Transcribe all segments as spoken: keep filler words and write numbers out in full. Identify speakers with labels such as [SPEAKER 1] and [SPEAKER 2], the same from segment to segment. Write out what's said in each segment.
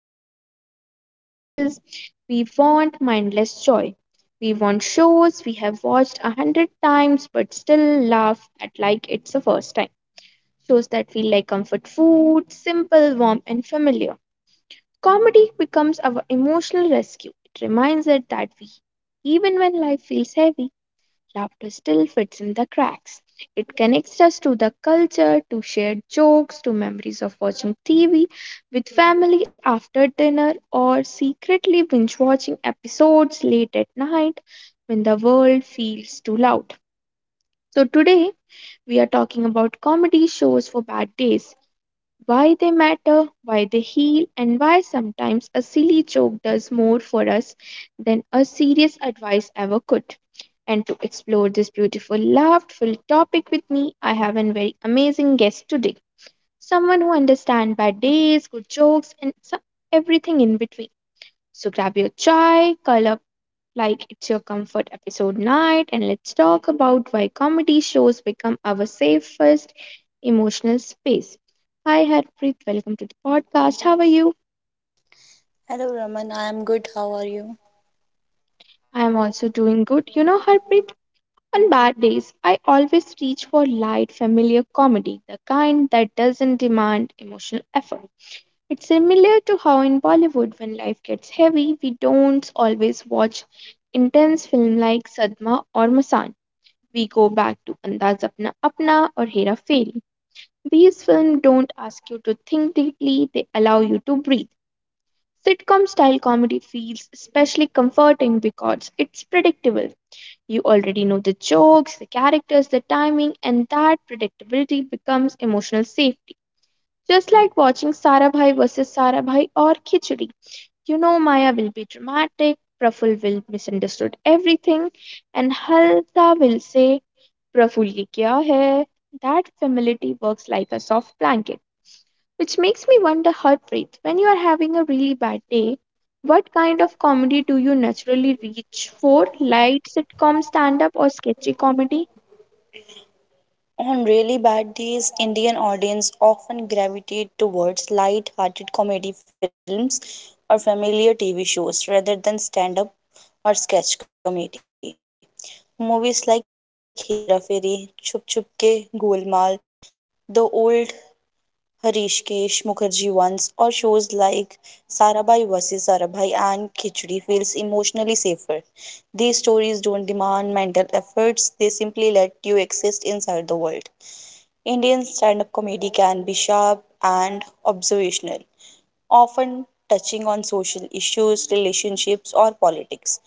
[SPEAKER 1] want motivation speeches, we want mindless joy. We want shows we have watched a hundred times but still laugh at like it's the first time. Shows that feel like comfort food, simple, warm, and familiar. Comedy becomes our emotional rescue. It reminds us that, we, even when life feels heavy, laughter still fits in the cracks. It connects us to the culture, to shared jokes, to memories of watching T V with family after dinner, or secretly binge watching episodes late at night when the world feels too loud. So, today we are talking about comedy shows for bad days why they matter, why they heal, and why sometimes a silly joke does more for us than a serious advice ever could. And to explore this beautiful, laughter topic with me, I have a very amazing guest today. Someone who understands bad days, good jokes, and some, everything in between. So grab your chai, curl up like it's your comfort episode night, and let's talk about why comedy shows become our safest emotional space. Hi, Harpreet. Welcome to the podcast. How are you?
[SPEAKER 2] Hello Raman, I am good. How are you?
[SPEAKER 1] I am also doing good. You know, Harpreet, on bad days, I always reach for light, familiar comedy, the kind that doesn't demand emotional effort. It's similar to how in Bollywood, when life gets heavy, we don't always watch intense film like Sadma or Masan. we go back to Andaz Apna Apna or Hera Fairy. These films don't ask you to think deeply, they allow you to breathe. Sitcom style comedy feels especially comforting because it's predictable. You already know the jokes, the characters, the timing, and that predictability becomes emotional safety. Just like watching Sarabhai versus Sarabhai or Khichdi. You know Maya will be dramatic, Praful will misunderstood everything, and Halsa will say Praful क्या है? That familiarity works like a soft blanket, which makes me wonder, Harpreet, when you are having a really bad day, what kind of comedy do you naturally reach for? Light sitcom, stand up, or sketchy comedy?
[SPEAKER 2] On really bad days, Indian audience often gravitate towards light-hearted comedy films or familiar T V shows rather than stand-up or sketch comedy. Movies like Hera Fairy, Chup Chup Ke, Golmaal, The Old Harishkesh Mukherjee once, or shows like Sarabhai versus. Sarabhai and Khichdi feels emotionally safer. These stories don't demand mental efforts, they simply let you exist inside the world. Indian stand up comedy can be sharp and observational, often touching on social issues, relationships, or politics.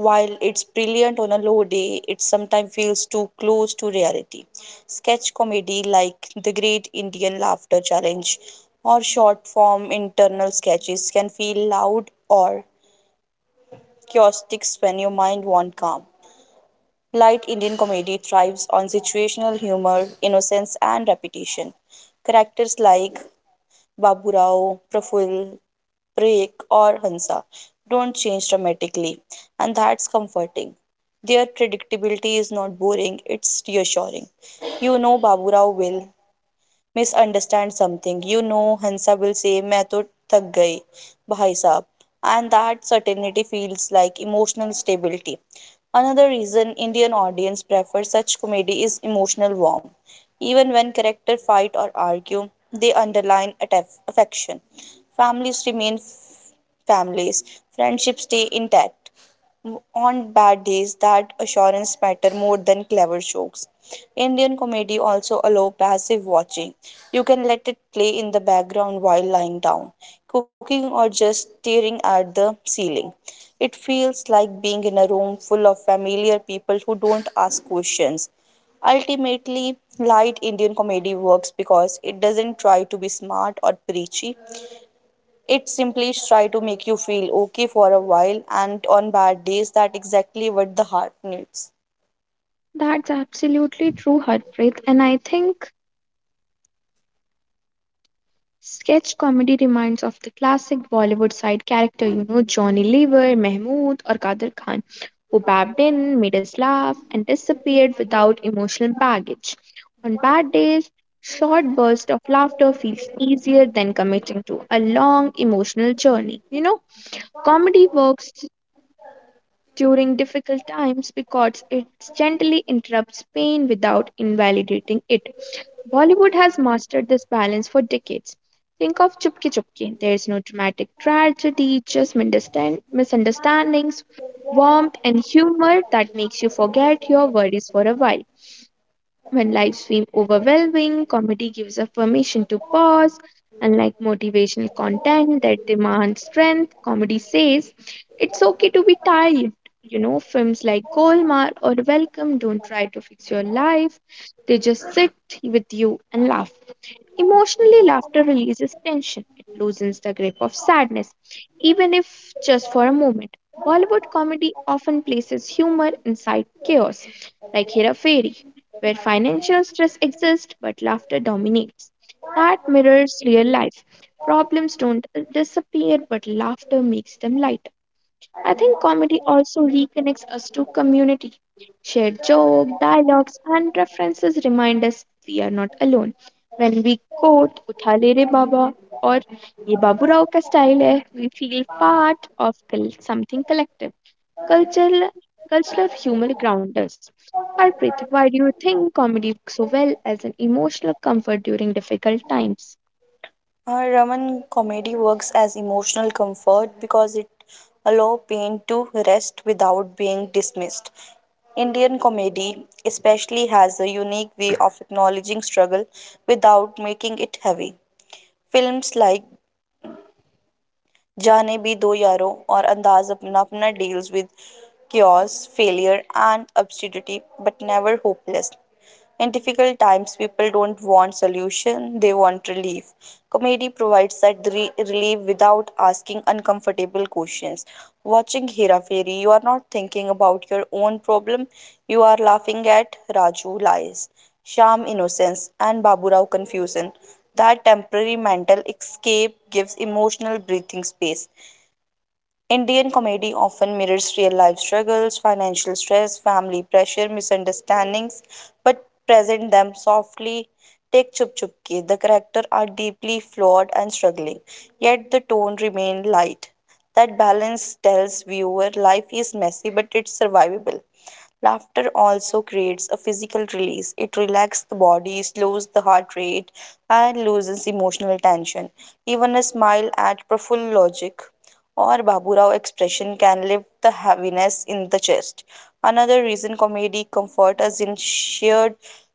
[SPEAKER 2] While it's brilliant on a low day, it sometimes feels too close to reality. Sketch comedy like The Great Indian Laughter Challenge or short form internal sketches can feel loud or chaotic when your mind wants calm. Light Indian comedy thrives on situational humor, innocence, and repetition. Characters like Baburao, Rao, Praful, Parekh, or Hansa don't change dramatically, and that's comforting. Their predictability is not boring, it's reassuring. You know Baburao will misunderstand something. You know, Hansa will say, "मैं तो थक गई, भाई साहब," and that certainty feels like emotional stability. Another reason Indian audience prefer such comedy is emotional warmth. Even when characters fight or argue, they underline attaff- affection. Families remain f- families, friendships stay intact. On bad days, that assurance matter more than clever jokes. Indian comedy also allow passive watching. You can let it play in the background while lying down, cooking or just staring at the ceiling. It feels like being in a room full of familiar people who don't ask questions. Ultimately, light Indian comedy works because it doesn't try to be smart or preachy. It simply try to make you feel okay for a while, and on bad days, that exactly what the heart needs.
[SPEAKER 1] That's absolutely true, Harpreet, and I think Sketch comedy reminds of the classic Bollywood side character, you know, Johnny Lever, Mahmood, or Kader Khan, who babbed in, made us laugh, and disappeared without emotional baggage. On bad days, short bursts of laughter feels easier than committing to a long emotional journey. You know, comedy works during difficult times because it gently interrupts pain without invalidating it. Bollywood has mastered this balance for decades. Think of Chupki Chupki. There's no dramatic tragedy, just misunderstand- misunderstandings, warmth, and humor that makes you forget your worries for a while. When life seems overwhelming, comedy gives us permission to pause. Unlike motivational content that demands strength, comedy says it's okay to be tired. You know, films like Golmaal or Welcome don't try to fix your life, they just sit with you and laugh. Emotionally, laughter releases tension, it loosens the grip of sadness, even if just for a moment. Bollywood comedy often places humor inside chaos, like Hera Fairy, where financial stress exists but laughter dominates. That mirrors real life. Problems don't disappear, but laughter makes them light. I think comedy also reconnects to community Shared joke, dialogues, and references remind us we are not alone. When we quote Uthale Re Baba or Ye Babu Rao Ka Style Hai, we feel part of col- something collective. Cultural, cultural humor grounds us. Harpreet, why do you think comedy works so well as an emotional comfort during difficult times?
[SPEAKER 2] Uh, Raman, comedy works as emotional comfort because it allow pain to rest without being dismissed. Indian comedy especially has a unique way of acknowledging struggle without making it heavy. Films like जाने भी दो यारो और अंदाज अपना अपना deals with chaos, failure, and absurdity, but never hopeless. In difficult times, people don't want solution, they want relief. Comedy provides that re- relief without asking uncomfortable questions. Watching Hera Fairy, you are not thinking about your own problem, you are laughing at Raju lies, Sham innocence, and Baburao confusion. That temporary mental escape gives emotional breathing space. Indian comedy often mirrors real life struggles, financial stress, family pressure, misunderstandings, but present them softly. Take Chup Chup Ki. The characters are deeply flawed and struggling, yet the tone remains light. That balance tells viewer life is messy but it's survivable. Laughter also creates a physical release. It relaxes the body, slows the heart rate, and loosens emotional tension. Even a smile at Praful Logic or Baburao expression can lift the heaviness in the chest. Another reason comedy comforts us in shared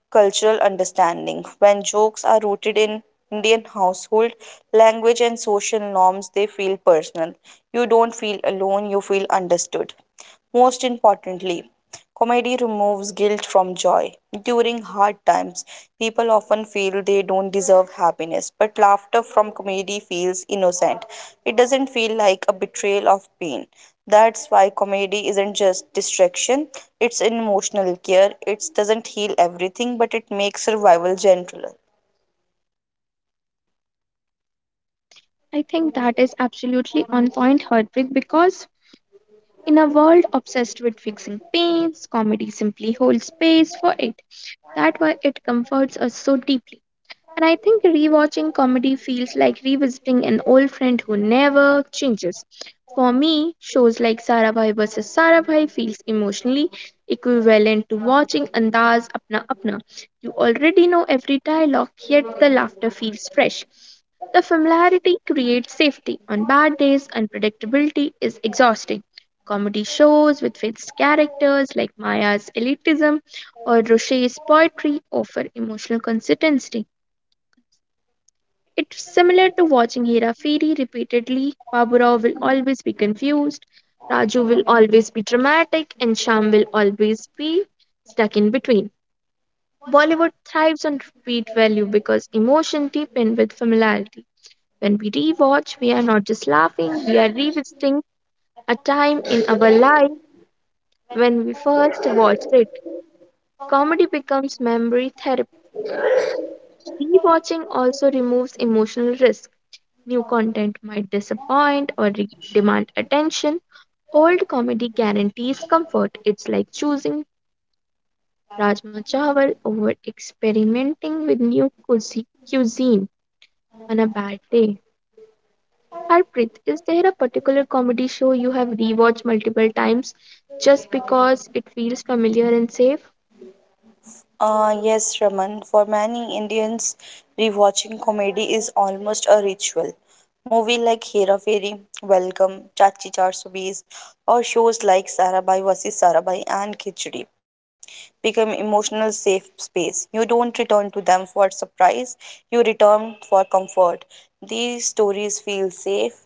[SPEAKER 2] cultural understanding. When jokes are rooted in Indian household language and social norms, they feel personal. You don't feel alone, you feel understood. Most importantly, comedy removes guilt from joy. During hard times, people often feel they don't deserve happiness, but laughter from comedy feels innocent. It doesn't feel like a betrayal of pain. That's why comedy isn't just distraction, it's an emotional care. It doesn't heal everything, but it makes survival gentler.
[SPEAKER 1] I think that is absolutely on point, Harpreet, because in a world obsessed with fixing pains, comedy simply holds space That's why it comforts us so deeply. And I think rewatching comedy feels like revisiting an old friend who never changes. For me, shows like Sarabhai versus. Sarabhai feels emotionally equivalent to watching Andaz Apna Apna. You already know every dialogue, yet the laughter feels fresh. The familiarity creates safety. On bad days, unpredictability is exhausting. Comedy shows with fixed characters like Maya's elitism or Rocher's poetry offer emotional consistency. It's similar to watching Hera Fairy repeatedly. Baburao will always be confused, Raju will always be dramatic, and Sham will always be stuck in between. Bollywood thrives on repeat value because emotion deepens with familiarity. When we rewatch, we are not just laughing, we are revisiting a time in our life when we first watched it. Comedy becomes memory therapy. Rewatching also removes emotional risk. New content might disappoint or re- demand attention. Old comedy guarantees comfort. It's like choosing Rajma Chawal over experimenting with new cuisi- cuisine on a bad day. Preet, is there a particular comedy show you have rewatched multiple times just because it feels familiar and safe?
[SPEAKER 2] Uh, yes, Raman. For many Indians, rewatching comedy is almost a ritual. Movies like Hera Fairy, Welcome, Chachi Char Subis, or shows like Sarabhai versus. Sarabhai and Khichdi become emotional safe space. You don't return to them for surprise, you return for comfort. These stories feel safe,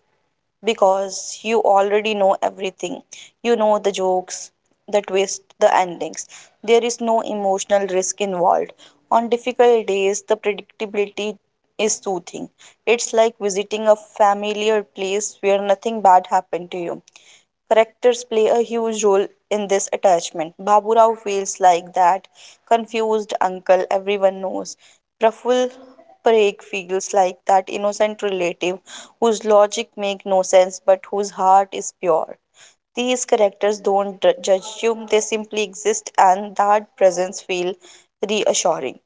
[SPEAKER 2] because you already know everything. You know the jokes, the twist, the endings. There is no emotional risk involved. On difficult days, the predictability is soothing. It's like visiting a familiar place where nothing bad happened to you. Characters play a huge role in this attachment. Baburao feels like that confused uncle everyone knows. Praful Parekh feels like that innocent relative whose logic makes no sense but whose heart is pure. These characters don't d- judge you, they simply exist, and that presence feels reassuring.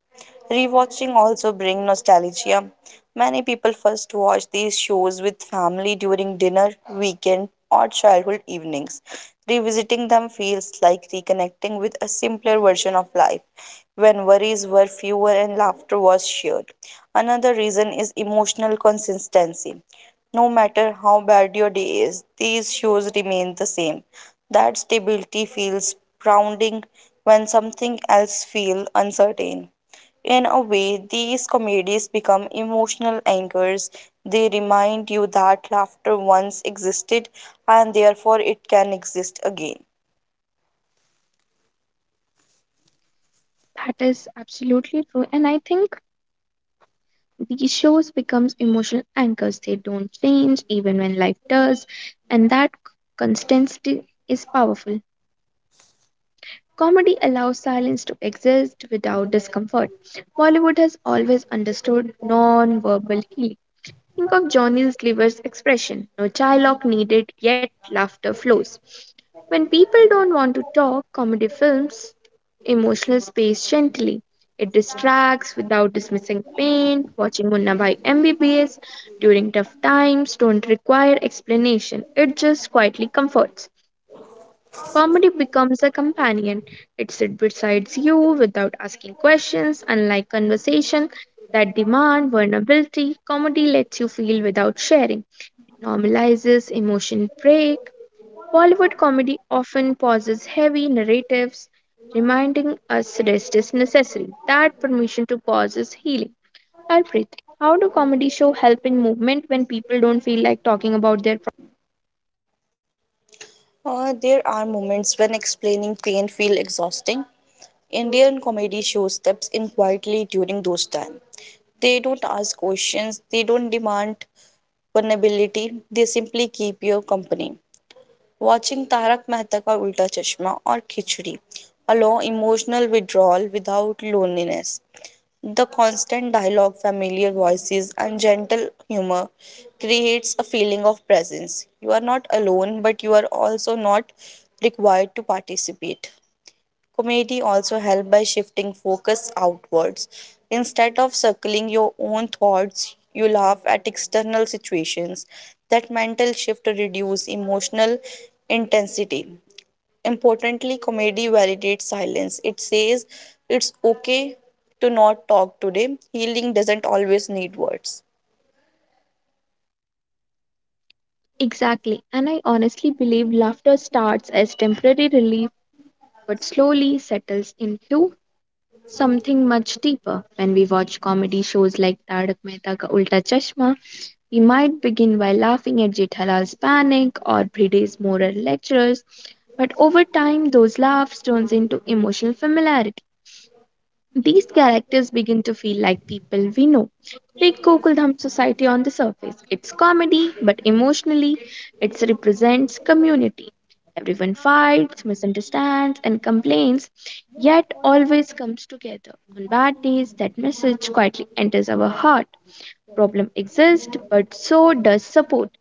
[SPEAKER 2] Rewatching also brings nostalgia. Many people first watch these shows with family during dinner, weekend, or childhood evenings. Revisiting them feels like reconnecting with a simpler version of life, when worries were fewer and laughter was shared. Another reason is emotional consistency. No matter how bad your day is, these shoes remain the same. That stability feels grounding when something else feels uncertain. In a way, these comedies become emotional anchors. They remind you that laughter once existed and therefore it can exist again.
[SPEAKER 1] That is absolutely true. And I think these shows becomes emotional anchors. They don't change even when life does. And that constancy is powerful. Comedy allows silence to exist without discomfort. Bollywood has always understood non-verbal healing. Think of Johnny Sliver's expression no dialogue needed, yet laughter flows. When people don't want to talk, comedy films emotional space gently. It distracts without dismissing pain. Watching Munna by M B B S during tough times don't require explanation. It just quietly comforts. Comedy becomes a companion. It sits beside you without asking questions, unlike conversation that demand vulnerability. Comedy lets you feel without sharing, normalizes emotion break. Bollywood comedy often pauses heavy narratives, reminding us rest is necessary. That permission to pause is healing. Harpreet, how do comedy show help in movement when people don't feel like talking about their
[SPEAKER 2] Uh, there are moments when explaining pain feel exhausting. Indian comedy show steps in quietly during those times. They don't ask questions, they don't demand vulnerability, they simply keep you company. Watching Tarak Mehta Ka Ulta Chashma or Khichdi allow emotional withdrawal without loneliness. The constant dialogue, familiar voices, and gentle humor creates a feeling of presence. You are not alone, but you are also not required to participate. Comedy also helps by shifting focus outwards. Instead of circling your own thoughts, you laugh at external situations. That mental shift reduces emotional intensity. Importantly, comedy validates silence. It says it's okay to not talk today. Healing doesn't always need words.
[SPEAKER 1] Exactly, and I honestly believe laughter starts as temporary relief but slowly settles into something much deeper. When we watch comedy shows like Tarak Mehta Ka Ulta Chashma, we might begin by laughing at Jethalal's panic or Bride's moral lectures, but over time those laughs turns into emotional familiarity. These characters begin to feel like people we know. Take Gokuldham Society on the surface. It's comedy, but emotionally, it represents community. Everyone fights, misunderstands, and complains, yet always comes together. On bad days, that message quietly enters our heart. Problem exists, but so does support.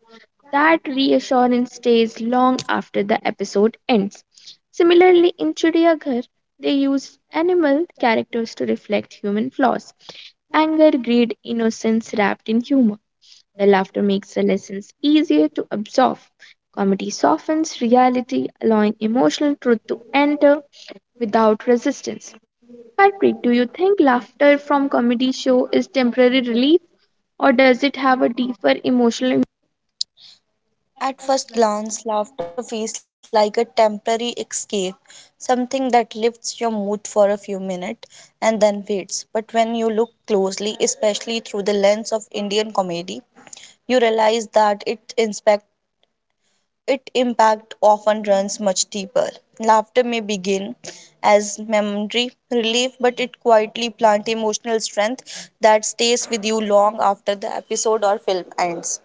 [SPEAKER 1] That reassurance stays long after the episode ends. Similarly, in Chidiyaghar, they used animal characters to reflect human flaws anger, greed, innocence wrapped in humor. The laughter makes the lessons easier to absorb. Comedy softens reality, allowing emotional truth to enter without resistance. Harpreet, do you think laughter from comedy show is temporary relief or does it have a deeper emotional
[SPEAKER 2] At first glance, laughter feels like a temporary escape, something that lifts your mood for a few minutes and then fades. But when you look closely, especially through the lens of Indian comedy, you realize that it inspect it impact often runs much deeper. Laughter may begin as memory relief, but it quietly plant emotional strength that stays with you long after the episode or film ends.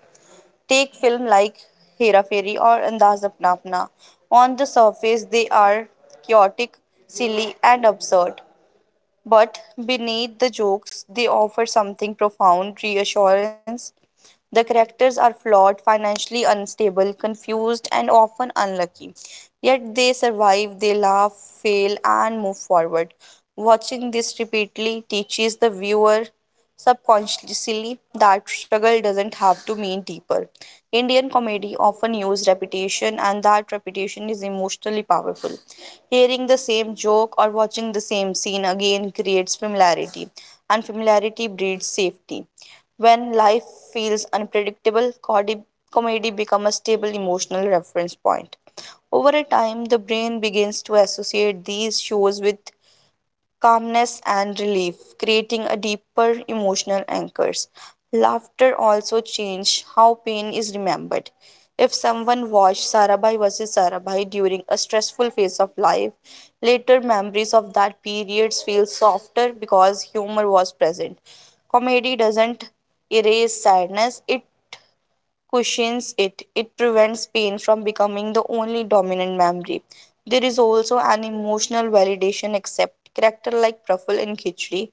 [SPEAKER 2] Take film like Hera Fairy or Andaz Apna Apna. On the surface, they are chaotic, silly, and absurd. But beneath the jokes, they offer something profound reassurance the characters are flawed, financially unstable, confused, and often unlucky. Yet they survive, they laugh, fail, and move forward. Watching this repeatedly teaches the viewer subconsciously that struggle doesn't have to mean deeper. Indian comedy often uses repetition, and that repetition is emotionally powerful. Hearing the same joke or watching the same scene again creates familiarity, and familiarity breeds safety. When life feels unpredictable, comedy, comedy becomes a stable emotional reference point. Over a time, the brain begins to associate these shows with calmness and relief, creating a deeper emotional anchors. Laughter also changes how pain is remembered. If someone watched Sarabhai versus. Sarabhai during a stressful phase of life, later memories of that periods feel softer because humor was present. Comedy doesn't erase sadness, it cushions it. It prevents pain from becoming the only dominant memory. There is also an emotional validation except character like Praful in Khichdi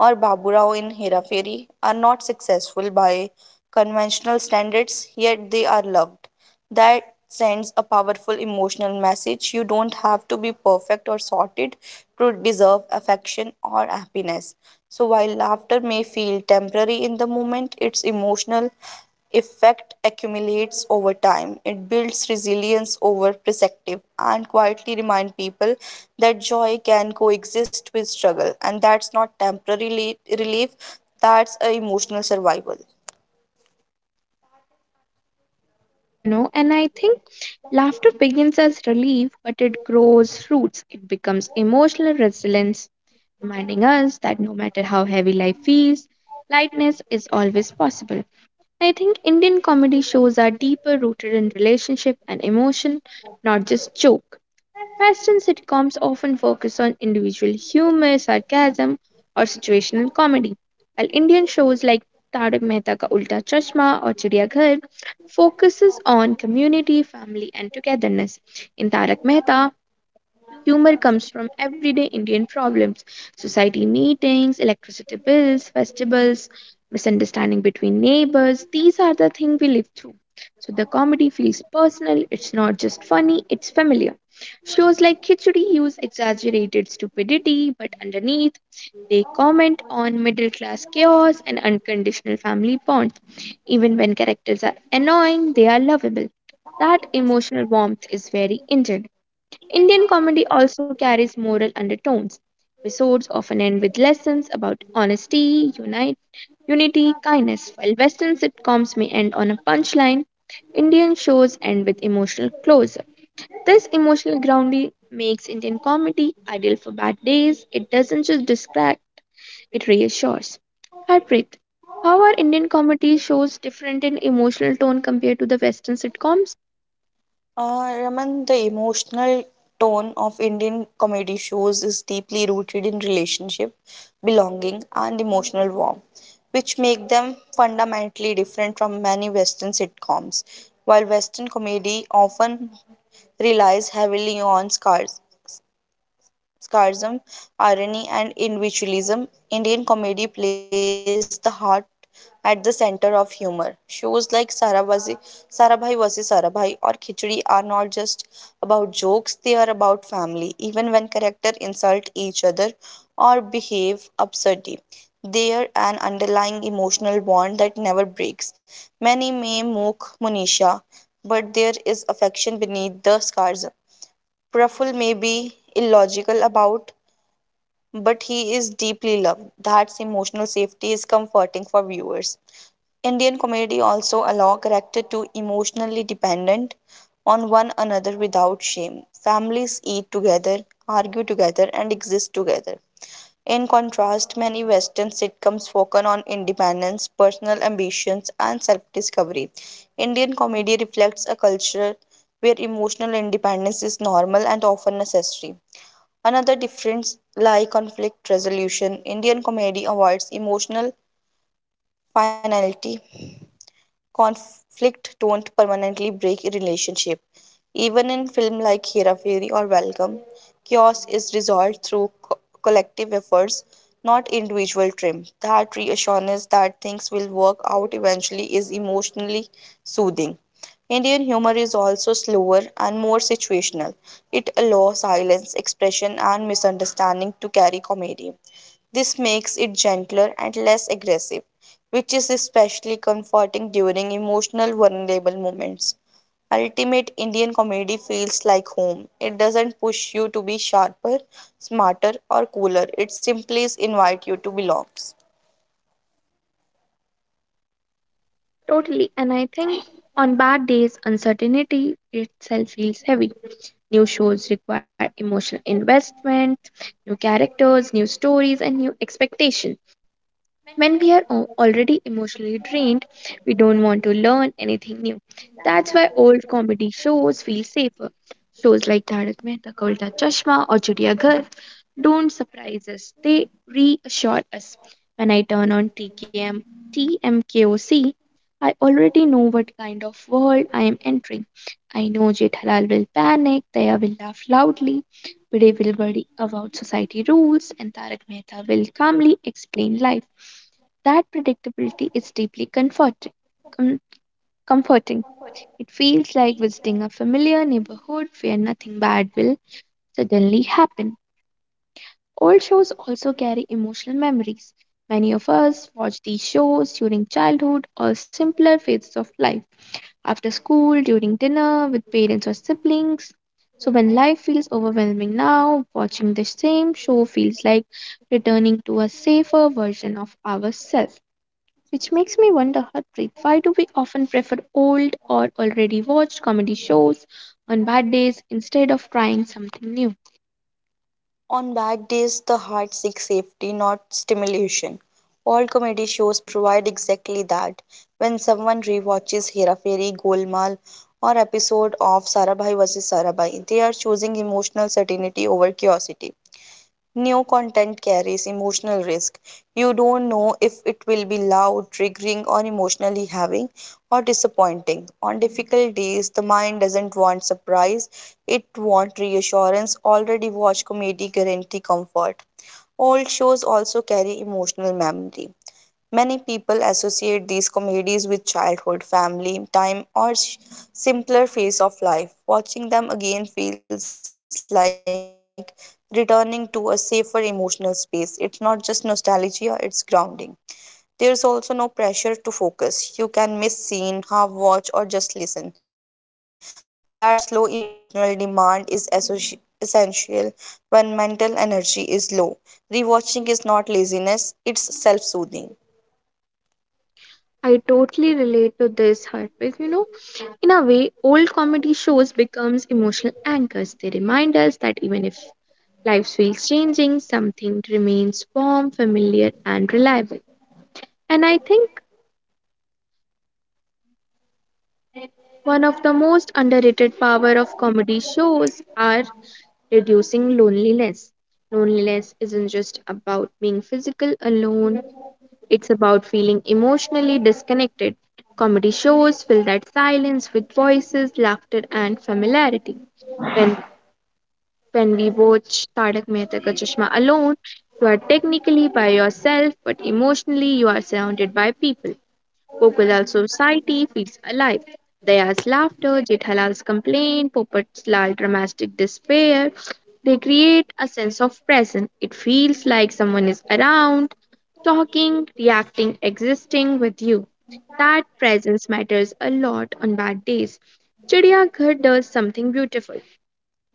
[SPEAKER 2] or Baburao in Hera Fairy, are not successful by conventional standards, yet they are loved. That sends a powerful emotional message. You don't have to be perfect or sorted to deserve affection or happiness. So, while laughter may feel temporary in the moment, its emotional effect accumulates over time. It builds resilience over perspective and quietly remind people that joy can coexist with struggle and that's not temporary reli- relief, that's a emotional survival.
[SPEAKER 1] That is absolutely true, you know. And I think laughter begins as relief, but it grows roots. It becomes emotional resilience, reminding us that no matter how heavy life feels, lightness is always possible. I think Indian comedy shows are deeper rooted in relationship and emotion, not just joke. Western sitcoms often focus on individual humor, sarcasm, or situational comedy, while Indian shows like Tarak Mehta Ka Ulta Chashma or Chidiya Ghar focuses on community, family, and togetherness. In Tarak Mehta, humor comes from everyday Indian problems, society meetings, electricity bills, festivals, misunderstanding between neighbors. These are the things we live through. So the comedy feels personal, it's not just funny, it's familiar. Shows like Khichdi use exaggerated stupidity, but underneath, they comment on middle class chaos and unconditional family bonds. Even when characters are annoying, they are lovable. That emotional warmth is very Indian. Indian comedy also carries moral undertones. Episodes often end with lessons about honesty, unite, unity, kindness, while Western sitcoms may end on a punchline. Indian shows end with emotional close this emotional grounding makes Indian comedy ideal for bad days. It doesn't just distract, it reassures. Harpreet, how are Indian comedy shows different in emotional tone compared to the Western sitcoms?
[SPEAKER 2] Uh, Raman, the emotional tone of Indian comedy shows is deeply rooted in relationship, belonging, and emotional warmth, which make them fundamentally different from many Western sitcoms. While Western comedy often relies heavily on scars, sarcasm, irony, and individualism, Indian comedy plays the heart at the center of humor. Shows like Sarabhazi, Sarabhai versus. Sarabhai or Khichdi are not just about jokes, they are about family. Even when characters insult each other or behave absurdly, they an underlying emotional bond that never breaks. Many may mock Monisha, but there is affection beneath the sarcasm. Praful may be illogical about but he is deeply loved. That's emotional safety is comforting for viewers. Indian comedy also allow character to emotionally dependent on one another without shame. Families eat together, argue together, and exist together. In contrast, many Western sitcoms focus on independence, personal ambitions, and self discovery. Indian comedy reflects a culture where emotional independence is normal and often necessary. Another difference lie conflict resolution. Indian comedy avoids emotional finality. Conflict don't permanently break a relationship. Even in film like Hera Fairy or Welcome, chaos is resolved through co- collective efforts, not individual trim. That reassurance that things will work out eventually is emotionally soothing. Indian humor is also slower and more situational. It allows silence, expression, and misunderstanding to carry comedy. This makes it gentler and less aggressive, which is especially comforting during emotional, vulnerable moments. Ultimate Indian comedy feels like home. It doesn't push you to be sharper, smarter, or cooler. It simply invites you to belong.
[SPEAKER 1] Totally, and I think on bad days, uncertainty itself feels heavy. New shows require emotional investment, new characters, new stories, and new expectations. When we are al- already emotionally drained, we don't want to learn anything new. That's why old comedy shows feel safer. Shows like Tarak Mehta Ka Ulta Chashma or Chutiya Ghar don't surprise us. They reassure us. When I turn on TKM, T M K O C, I already know what kind of world I am entering. I know Jethalal will panic, Daya will laugh loudly, Bide will worry about society rules, and Tarak Mehta will calmly explain life. That predictability is deeply comforting. com- comforting. It feels like visiting a familiar neighborhood where nothing bad will suddenly happen. Old shows also carry emotional memories. Many of us watch these shows during childhood or simpler phases of life, after school, during dinner, with parents or siblings. So, when life feels overwhelming now, watching the same show feels like returning to a safer version of ourselves. Which makes me wonder, Harpreet, why do we often prefer old or already watched comedy shows on bad days instead of trying something new?
[SPEAKER 2] On bad days, the heart seeks safety, not stimulation. All comedy shows provide exactly that. When someone rewatches Hera Fairy, Golmaal, or episode of Sarabhai versus. Sarabhai, they are choosing emotional certainty over curiosity. New content carries emotional risk. You don't know if it will be loud, triggering, or emotionally having or disappointing. On difficult days, the mind doesn't want surprise, it wants reassurance. Already watched comedy guarantee comfort. Old shows also carry emotional memory. Many people associate these comedies with childhood, family, time, or s- simpler phase of life. Watching them again feels like returning to a safer emotional space. It's not just nostalgia, it's grounding. There's also no pressure to focus. You can miss scene, half watch, or just listen. That slow emotional demand is associ- essential when mental energy is low. Rewatching is not laziness, it's self soothing.
[SPEAKER 1] I totally relate to this, Harpreet. You know, in a way, old comedy shows becomes emotional anchors. They remind us that even if life feels changing, something remains warm, familiar, and reliable. And I think one of the most underrated power of comedy shows are reducing loneliness. Loneliness isn't just about being physical alone, it's about feeling emotionally disconnected. Comedy shows fill that silence with voices, laughter and familiarity. When when we watch Tarak Mehta Ka Chashma alone, you are technically by yourself, but emotionally you are surrounded by people. Kokolal society feels alive. Daya's laughter, Jethalal's complaint, Popat's lal dramatic despair, they create a sense of presence. It feels like someone is around, talking, reacting, existing with you. That presence matters a lot on bad days. Chidiyaghar does something beautiful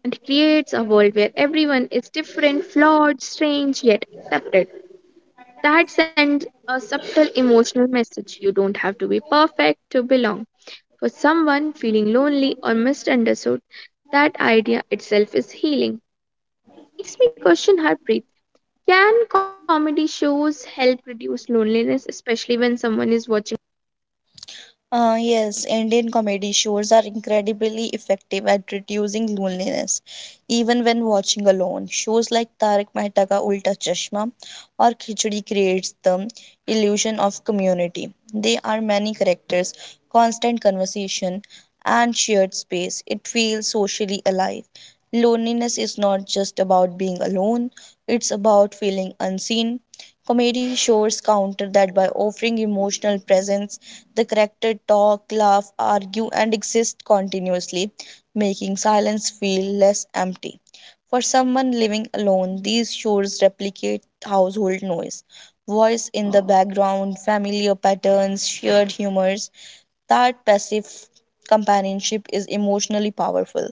[SPEAKER 1] and creates a world where everyone is different, flawed, strange, yet accepted. That sends a subtle emotional message. You don't have to be perfect to belong. For someone feeling lonely or misunderstood, that idea itself is healing. Makes me question heartbreak. Can comedy shows help reduce loneliness, especially when someone is watching?
[SPEAKER 2] Uh, yes, Indian comedy shows are incredibly effective at reducing loneliness, even when watching alone. Shows like Tarak Mehta Ka Ulta Chashma or Khichdi creates the illusion of community. There are many characters, constant conversation, and shared space. It feels socially alive. Loneliness is not just about being alone; it's about feeling unseen. Comedy shows counter that by offering emotional presence the characters talk, laugh, argue, and exist continuously, making silence feel less empty. For someone living alone, these shores replicate household noise. Voice in the background, familiar patterns, shared humors. That passive companionship is emotionally powerful.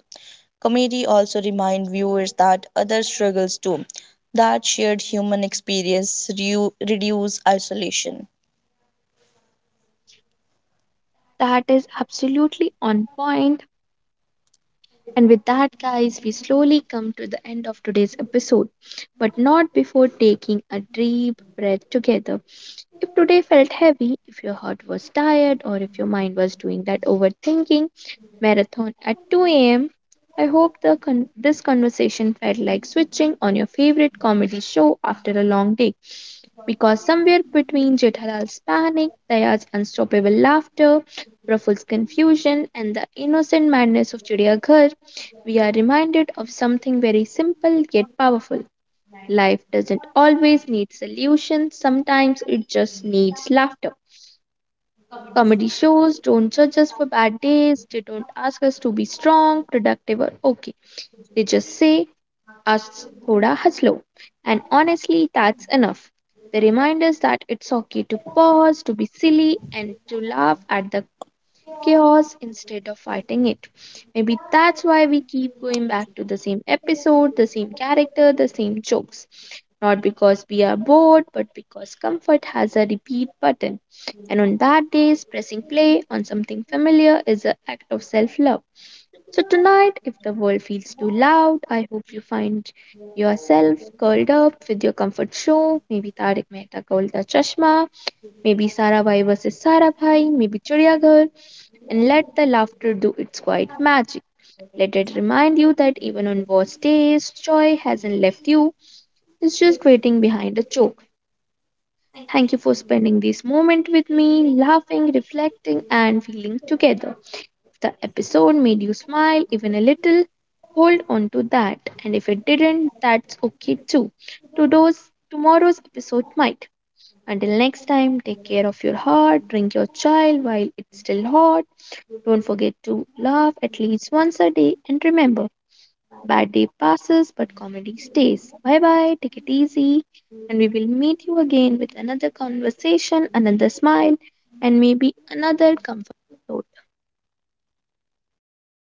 [SPEAKER 2] Comedy also reminds viewers that others struggles too, that shared human experience reduces isolation.
[SPEAKER 1] That is absolutely on point. And with that, guys, we slowly come to the end of today's episode, but not before taking a deep breath together. If today felt heavy, if your heart was tired, or if your mind was doing that overthinking marathon at two a m, I hope the con- this conversation felt like switching on your favorite comedy show after a long day. Because somewhere between Jethalal's panic, Daya's unstoppable laughter, Raful's confusion, and the innocent madness of Chidiaghar, we are reminded of something very simple yet powerful. Life doesn't always need solutions, sometimes it just needs laughter. Comedy shows don't judge us for bad days. They don't ask us to be strong, productive, or okay. They just say, us thoda haslo. And honestly, that's enough. They remind us that it's okay to pause, to be silly, and to laugh at the chaos instead of fighting it. Maybe that's why we keep going back to the same episode, the same character, the same jokes. Not because we are bored, but because comfort has a repeat button. And on bad days, pressing play on something familiar is an act of self love. So tonight, if the world feels too loud, I hope you find yourself curled up with your comfort show. Maybe Tarik Mehta Ka Ulta Chashma, maybe Sarabhai versus Sarabhai, maybe Chidiyaghar, and let the laughter do its quiet magic. Let it remind you that even on worst days, joy hasn't left you, it's just waiting behind a joke. Thank you for spending this moment with me, laughing, reflecting, and feeling together. If the episode made you smile even a little, hold on to that. And if it didn't, that's okay too. Today's, Tomorrow's episode might. Until next time, take care of your heart, drink your chai while it's still hot. Don't forget to laugh at least once a day and remember, bad day passes but comedy stays. Bye bye, take it easy, and we will meet you again with another conversation, another smile, and maybe another comfort. thought.